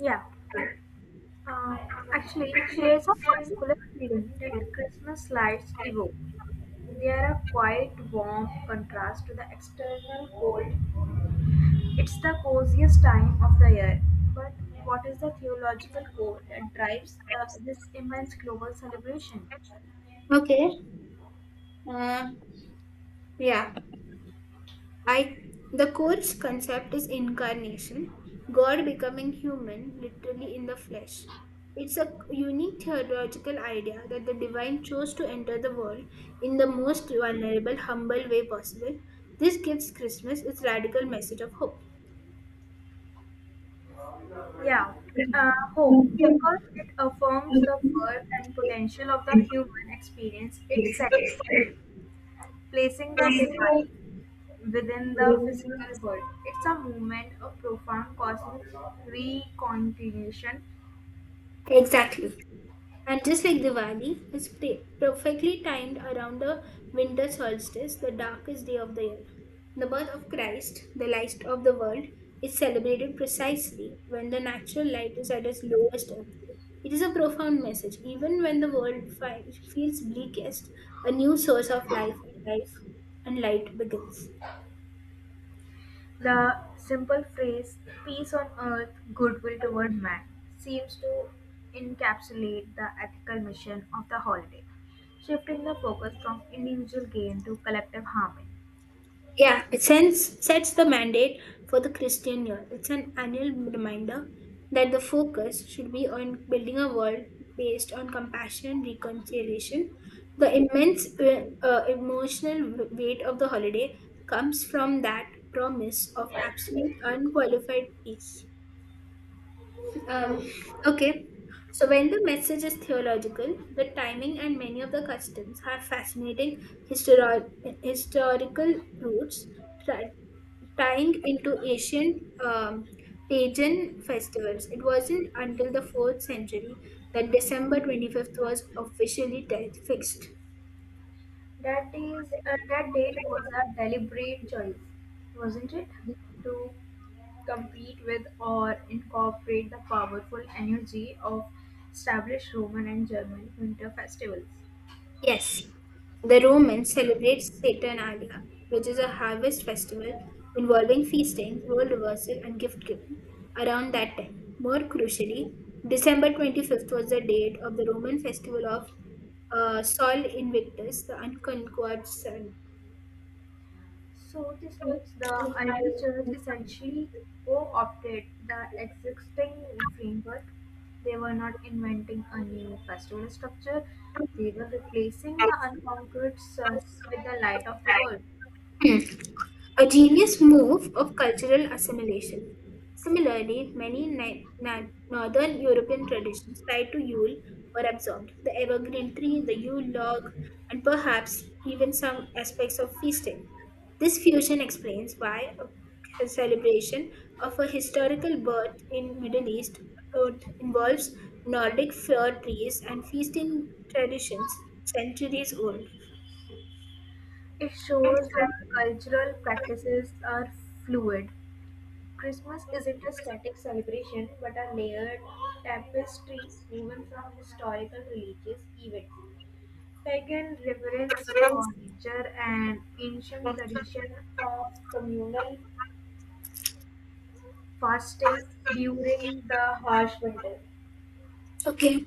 Yeah, uh, actually, there is a particular feeling that Christmas lights evoke. They are a quiet, warm contrast to the external cold. It's the coziest time of the year. But what is the theological core that drives this immense global celebration? Okay. Uh, yeah. I the course concept is incarnation, God becoming human, literally in the flesh. It's a unique theological idea that the divine chose to enter the world in the most vulnerable, humble way possible. This gives Christmas its radical message of hope. Yeah, Hope, because it affirms the worth and potential of the human experience itself, placing the divine within the physical world. It's a movement of profound cosmic reconciliation, Exactly. right? And just like Diwali, it's perfectly timed around the winter solstice, the darkest day of the year. The birth of Christ, the light of the world, is celebrated precisely when the natural light is at its lowest ebb. It is a profound message. Even when the world feels bleakest, a new source of life and life and light begins. The simple phrase, peace on earth, goodwill toward man, seems to encapsulate the ethical mission of the holiday, shifting the focus from individual gain to collective harmony. Yeah, it sets the mandate for the Christian year. It's an annual reminder that the focus should be on building a world based on compassion, reconciliation. The immense emotional weight of the holiday comes from that promise of absolute unqualified peace. Um, okay. So when the message is theological, the timing and many of the customs have fascinating histori- historical roots, tra- tying into ancient pagan festivals. It wasn't until the 4th century that December 25th was officially fixed. That date was a deliberate choice, wasn't it? To compete with or incorporate the powerful energy of established Roman and German winter festivals. Yes, the Romans celebrate Saturnalia, which is a harvest festival involving feasting, role reversal, and gift giving. Around that time, more crucially, December 25th was the date of the Roman festival of Sol Invictus, the unconquered sun. So this means the early church essentially co-opted the existing framework. They were not inventing a new festival structure. They were replacing the unconquered sun with the light of the world. A genius move of cultural assimilation. Similarly, many northern European traditions tied to Yule were absorbed. The evergreen tree, the Yule log, and perhaps even some aspects of feasting. This fusion explains why a celebration of a historical birth in Middle East involves Nordic fir trees and feasting traditions centuries old. It shows that cultural practices are fluid. Christmas isn't a static celebration but a layered tapestry woven from historical religious events. Pagan reverence for nature and ancient tradition of communal fasting during the harsh winter. Okay.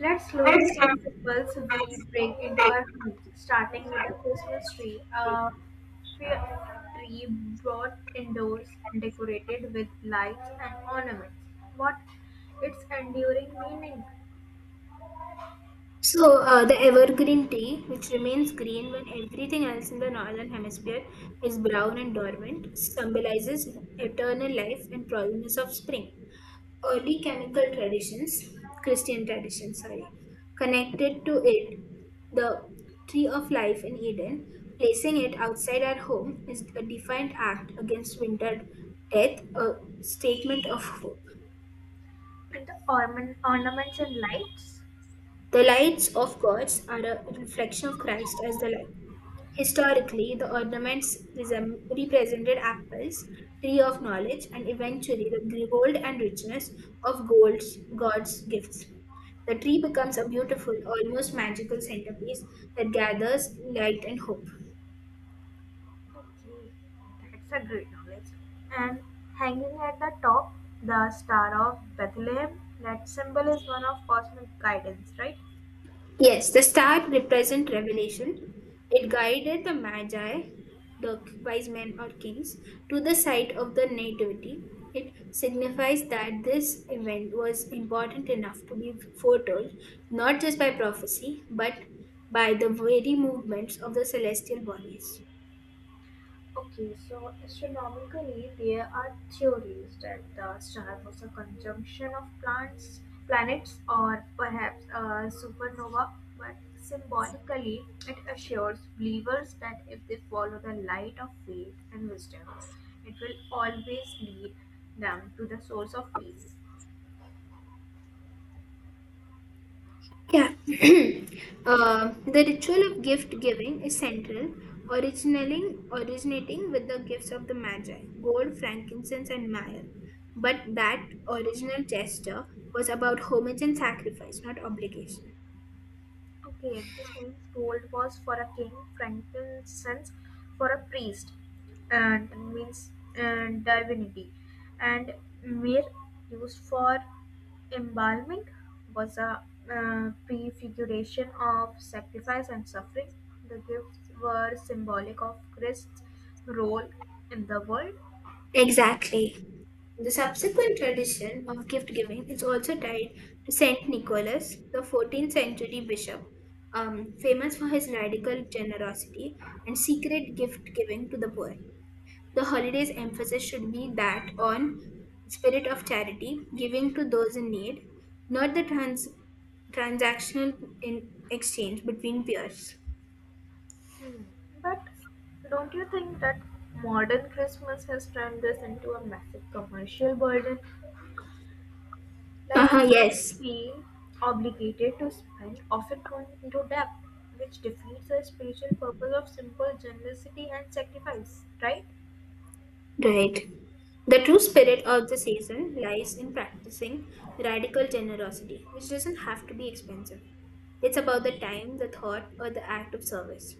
Let's look at the symbols we bring into our home, starting with the Christmas tree. A fair tree brought indoors and decorated with lights and ornaments. What its enduring meaning? So, the evergreen tea, which remains green when everything else in the northern hemisphere is brown and dormant, symbolizes eternal life and promise of spring. Early chemical traditions, Christian traditions, sorry, connected to it the tree of life in Eden, placing it outside our home is a defiant act against winter death, a statement of hope. And the ornaments and lights? The lights of gods are a reflection of Christ as the light. Historically, the ornaments represented apples, tree of knowledge, and eventually the gold and richness of God's gifts. The tree becomes a beautiful, almost magical centerpiece that gathers light and hope. Okay, that's a great knowledge. And hanging at the top, the Star of Bethlehem. That symbol is one of cosmic guidance, right? Yes, the star represent revelation. It guided the magi, the wise men or kings, to the site of the nativity. It signifies that this event was important enough to be foretold, not just by prophecy, but by the very movements of the celestial bodies. Okay, so astronomically, there are theories that the star was a conjunction of plants, planets, or perhaps a supernova. But symbolically, it assures believers that if they follow the light of faith and wisdom, it will always lead them to the source of peace. Yeah. The ritual of gift giving is central, originating with the gifts of the Magi, gold, frankincense, and myrrh. But that original gesture was about homage and sacrifice, not obligation. Okay, this means gold was for a king, frankincense for a priest, and means and divinity, and myrrh used for embalming was a prefiguration of sacrifice and suffering. The gifts were symbolic of Christ's role in the world. Exactly. The subsequent tradition of gift giving is also tied to Saint Nicholas, the 14th century bishop, famous for his radical generosity and secret gift giving to the poor. The holiday's emphasis should be that on spirit of charity, giving to those in need, not the transactional in exchange between peers. Hmm. But don't you think that modern Christmas has turned this into a massive commercial burden? Uh Like huh. Yes, feel obligated to spend, often going into debt, which defeats the spiritual purpose of simple generosity and sacrifice, right? right. The true spirit of the season lies in practicing radical generosity, which doesn't have to be expensive. It's about the time, the thought, or the act of service.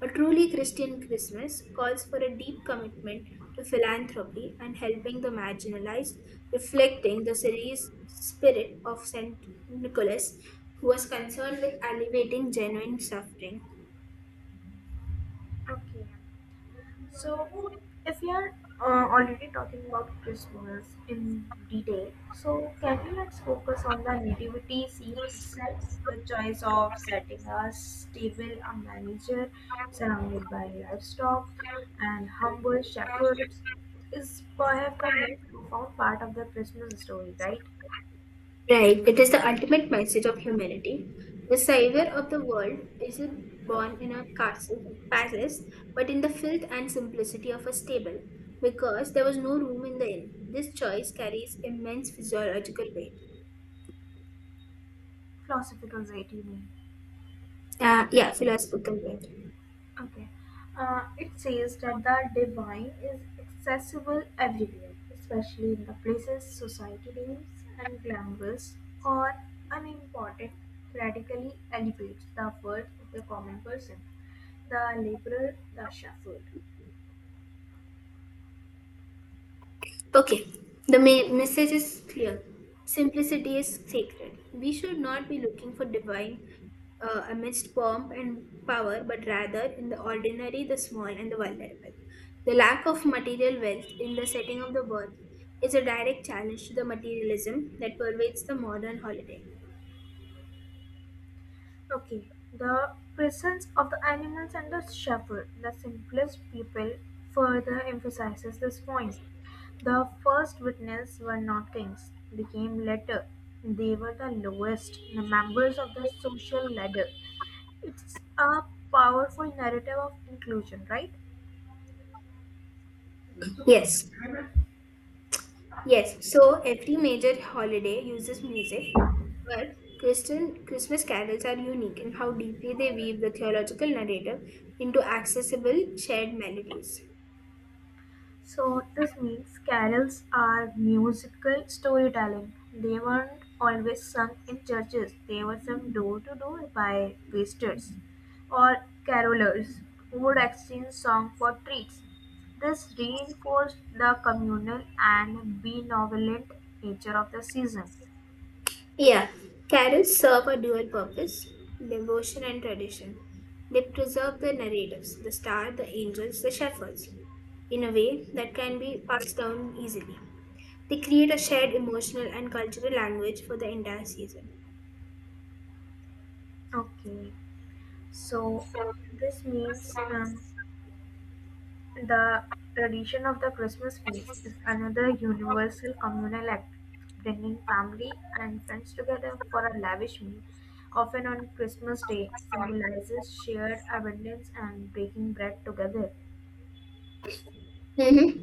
A truly Christian Christmas calls for a deep commitment to philanthropy and helping the marginalized, reflecting the series spirit of St. Nicholas, who was concerned with alleviating genuine suffering. Okay. So, if we are already talking about Christmas in detail, so can we let's focus on the nativity scene itself? The choice of setting a stable, a manager surrounded by livestock, and humble shepherds is perhaps the most profound part of the Christmas story, right? Right, it is the ultimate message of humanity. The savior of the world isn't born in a castle, palace, but in the filth and simplicity of a stable, because there was no room in the inn. This choice carries immense physiological weight. Philosophical way, you mean? Yeah, philosophical weight. Okay. It says that the divine is accessible everywhere, especially in the places society deems and glamorous or unimportant, radically elevates the worth of the common person, the laborer, the shepherd. Okay, the message is clear. Simplicity is sacred. We should not be looking for divine amidst pomp and power, but rather in the ordinary, the small, and the vulnerable. The lack of material wealth in the setting of the birth is a direct challenge to the materialism that pervades the modern holiday. Okay, the presence of the animals and the shepherd, the simplest people, further emphasizes this point. The first witness were not kings, they came later. They were the lowest, the members of the social ladder. It's a powerful narrative of inclusion, right? Yes, Yes, so every major holiday uses music, but Christian Christmas carols are unique in how deeply they weave the theological narrative into accessible, shared melodies. So this means carols are musical storytelling. They weren't always sung in churches. They were sung door to door by wasters or carolers who would exchange song for treats. This reinforced the communal and benevolent nature of the season. Yeah, carols serve a dual purpose devotion and tradition. They preserve the narratives, the star, the angels, the shepherds, in a way that can be passed down easily. They create a shared emotional and cultural language for the entire season. Okay, so this means the tradition of the Christmas feast is another universal communal act, bringing family and friends together for a lavish meal, often on Christmas Day, symbolizes shared abundance and breaking bread together. Mhm.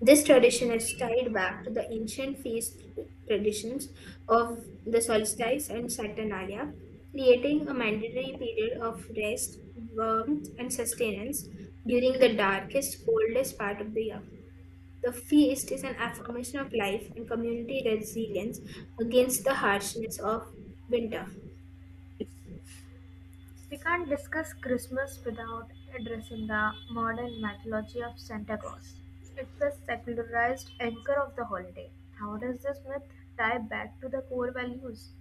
This tradition is tied back to the ancient feast traditions of the solstice and Saturnalia, creating a mandatory period of rest, warmth, and sustenance during the darkest, coldest part of the year. The feast is an affirmation of life and community resilience against the harshness of winter. We can't discuss Christmas without addressing the modern mythology of Santa Claus. It's the secularized anchor of the holiday. How does this myth tie back to the core values?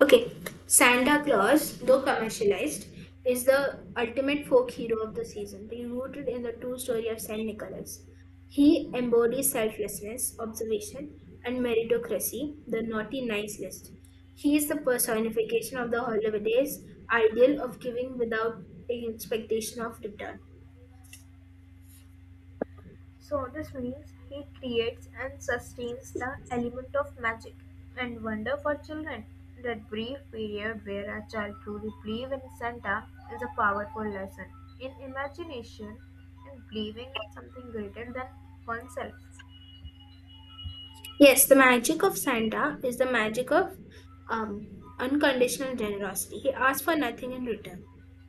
Okay, Santa Claus, though commercialized, is the ultimate folk hero of the season, being rooted in the true story of Saint Nicholas. He embodies selflessness, observation, and meritocracy, the naughty nice list. He is the personification of the holiday's ideal of giving without expectation of return. So this means he creates and sustains the element of magic and wonder for children. That brief period where a child truly believes in Santa is a powerful lesson in imagination and believing in something greater than oneself. Yes, the magic of Santa is the magic of um, unconditional generosity. He asks for nothing in return.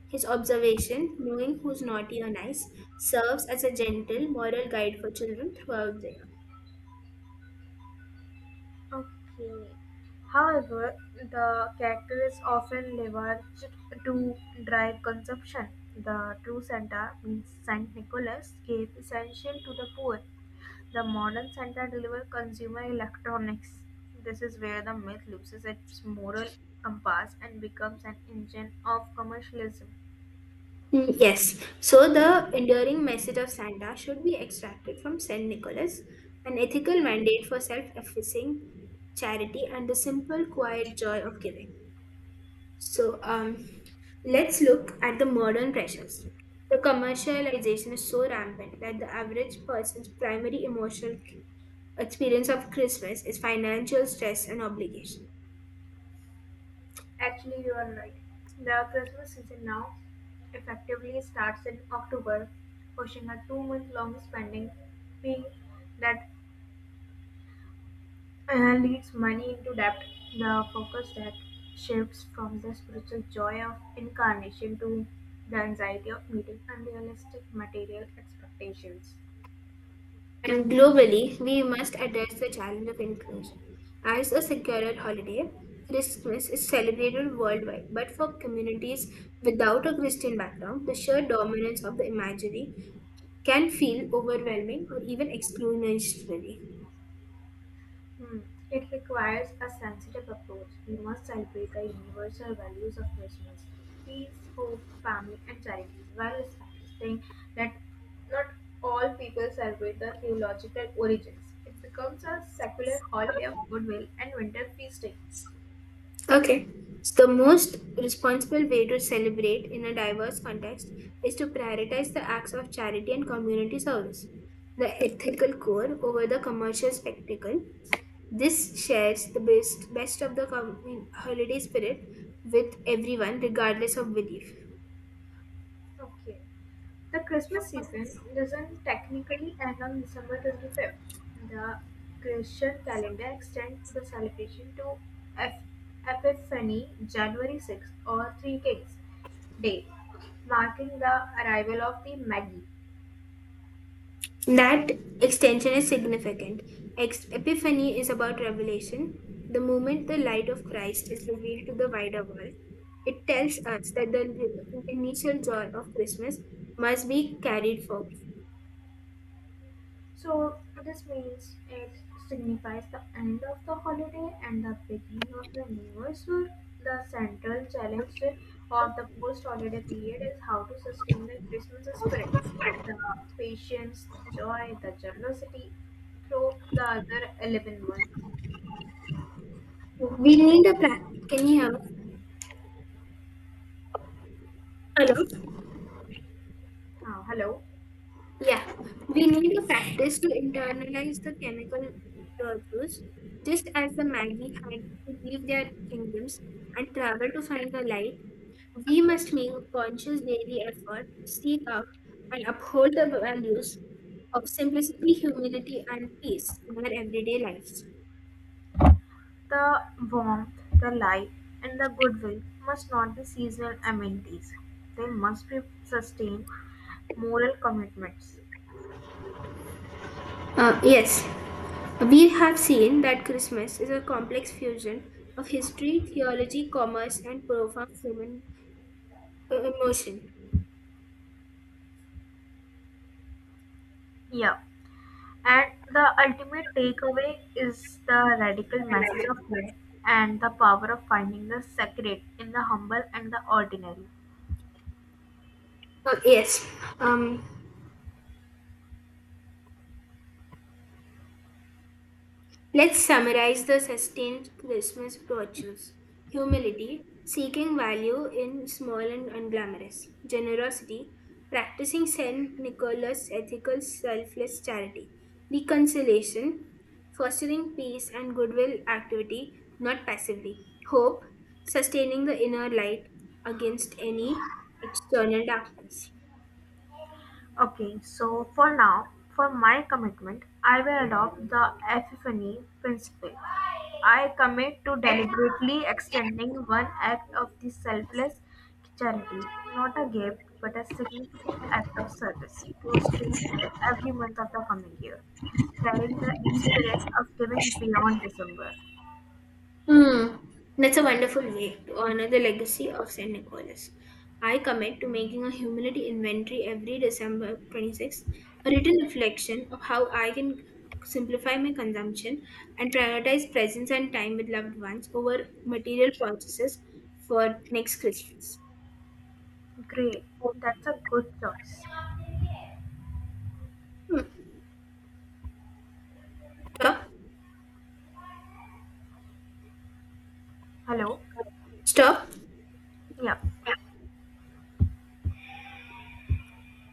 His observation, knowing who's naughty or nice, serves as a gentle moral guide for children throughout the year. Okay. However, the character is often leveraged to drive consumption. The true Santa means Saint Nicholas gave essential to the poor. The modern center delivers consumer electronics. This is where the myth loses its moral compass and becomes an engine of commercialism. Mm, yes, so the enduring message of Santa should be extracted from St. Nicholas, an ethical mandate for self effacing charity and the simple, quiet joy of giving. So, let's look at the modern pressures. The commercialization is so rampant that the average person's primary emotional experience of Christmas is financial stress and obligation. Actually, you are right. The Christmas season now effectively starts in October, pushing a 2 month long spending spree that leads money into debt. The focus that shifts from the spiritual joy of incarnation to the anxiety of meeting unrealistic material expectations. And globally, we must address the challenge of inclusion. As a secular holiday, Christmas is celebrated worldwide, but for communities without a Christian background, the sheer dominance of the imagery can feel overwhelming or even exclusionary. Hmm. It requires a sensitive approach. We must celebrate the universal values of Christmas peace, hope, family, and charity while establishing that not all people celebrate the theological origins. It becomes a secular holiday of goodwill and winter feasting. Okay. So the most responsible way to celebrate in a diverse context is to prioritize the acts of charity and community service, the ethical core over the commercial spectacle. This shares the best of the holiday spirit with everyone, regardless of belief. Okay. The Christmas season doesn't technically end on December 25th. The Christian calendar extends the celebration to Eph- Epiphany, January 6th, or Three Kings Day, marking the arrival of the Magi. That extension is significant. Epiphany is about revelation. The moment the light of Christ is revealed to the wider world, it tells us that the initial joy of Christmas must be carried forward. So this means it signifies the end of the holiday and the beginning of the new year. So the central challenge of the post-holiday period is how to sustain the Christmas spirit, the patience, the joy, the generosity through the other 11 months. We need a practice. Can you hear me? Hello. Hello. Yeah, we need a practice to internalize the chemical virtues, just as the Magi had to leave their kingdoms and travel to find the light. We must make a conscious daily effort to seek out and uphold the values of simplicity, humility, and peace in our everyday lives. The warmth, the light, and the goodwill must not be seasonal amenities. They must be sustained moral commitments. Yes, we have seen that Christmas is a complex fusion of history, theology, commerce, and profound human emotion. Yeah. And the ultimate takeaway is the radical message of hope and the power of finding the sacred in the humble and the ordinary. Uh, yes, um, Let's summarize the sustained Christmas virtues humility, seeking value in small and unglamorous, generosity, practicing St. Nicholas' ethical selfless charity, reconciliation, fostering peace and goodwill activity, not passively, hope, sustaining the inner light against any external darkness. Okay, so for now, for my commitment, I will adopt the epiphany principle. I commit to deliberately extending one act of the selfless charity, not a gift, but a significant act of service to a stranger every month of the coming year, carrying the spirit of giving beyond December. Hmm, that's a wonderful way to honor the legacy of St. Nicholas. I commit to making a humility inventory every December 26th, a written reflection of how I can simplify my consumption and prioritize presence and time with loved ones over material purchases for next Christmas. Great, that's a good choice. Stop. Hello? Stop. Yeah.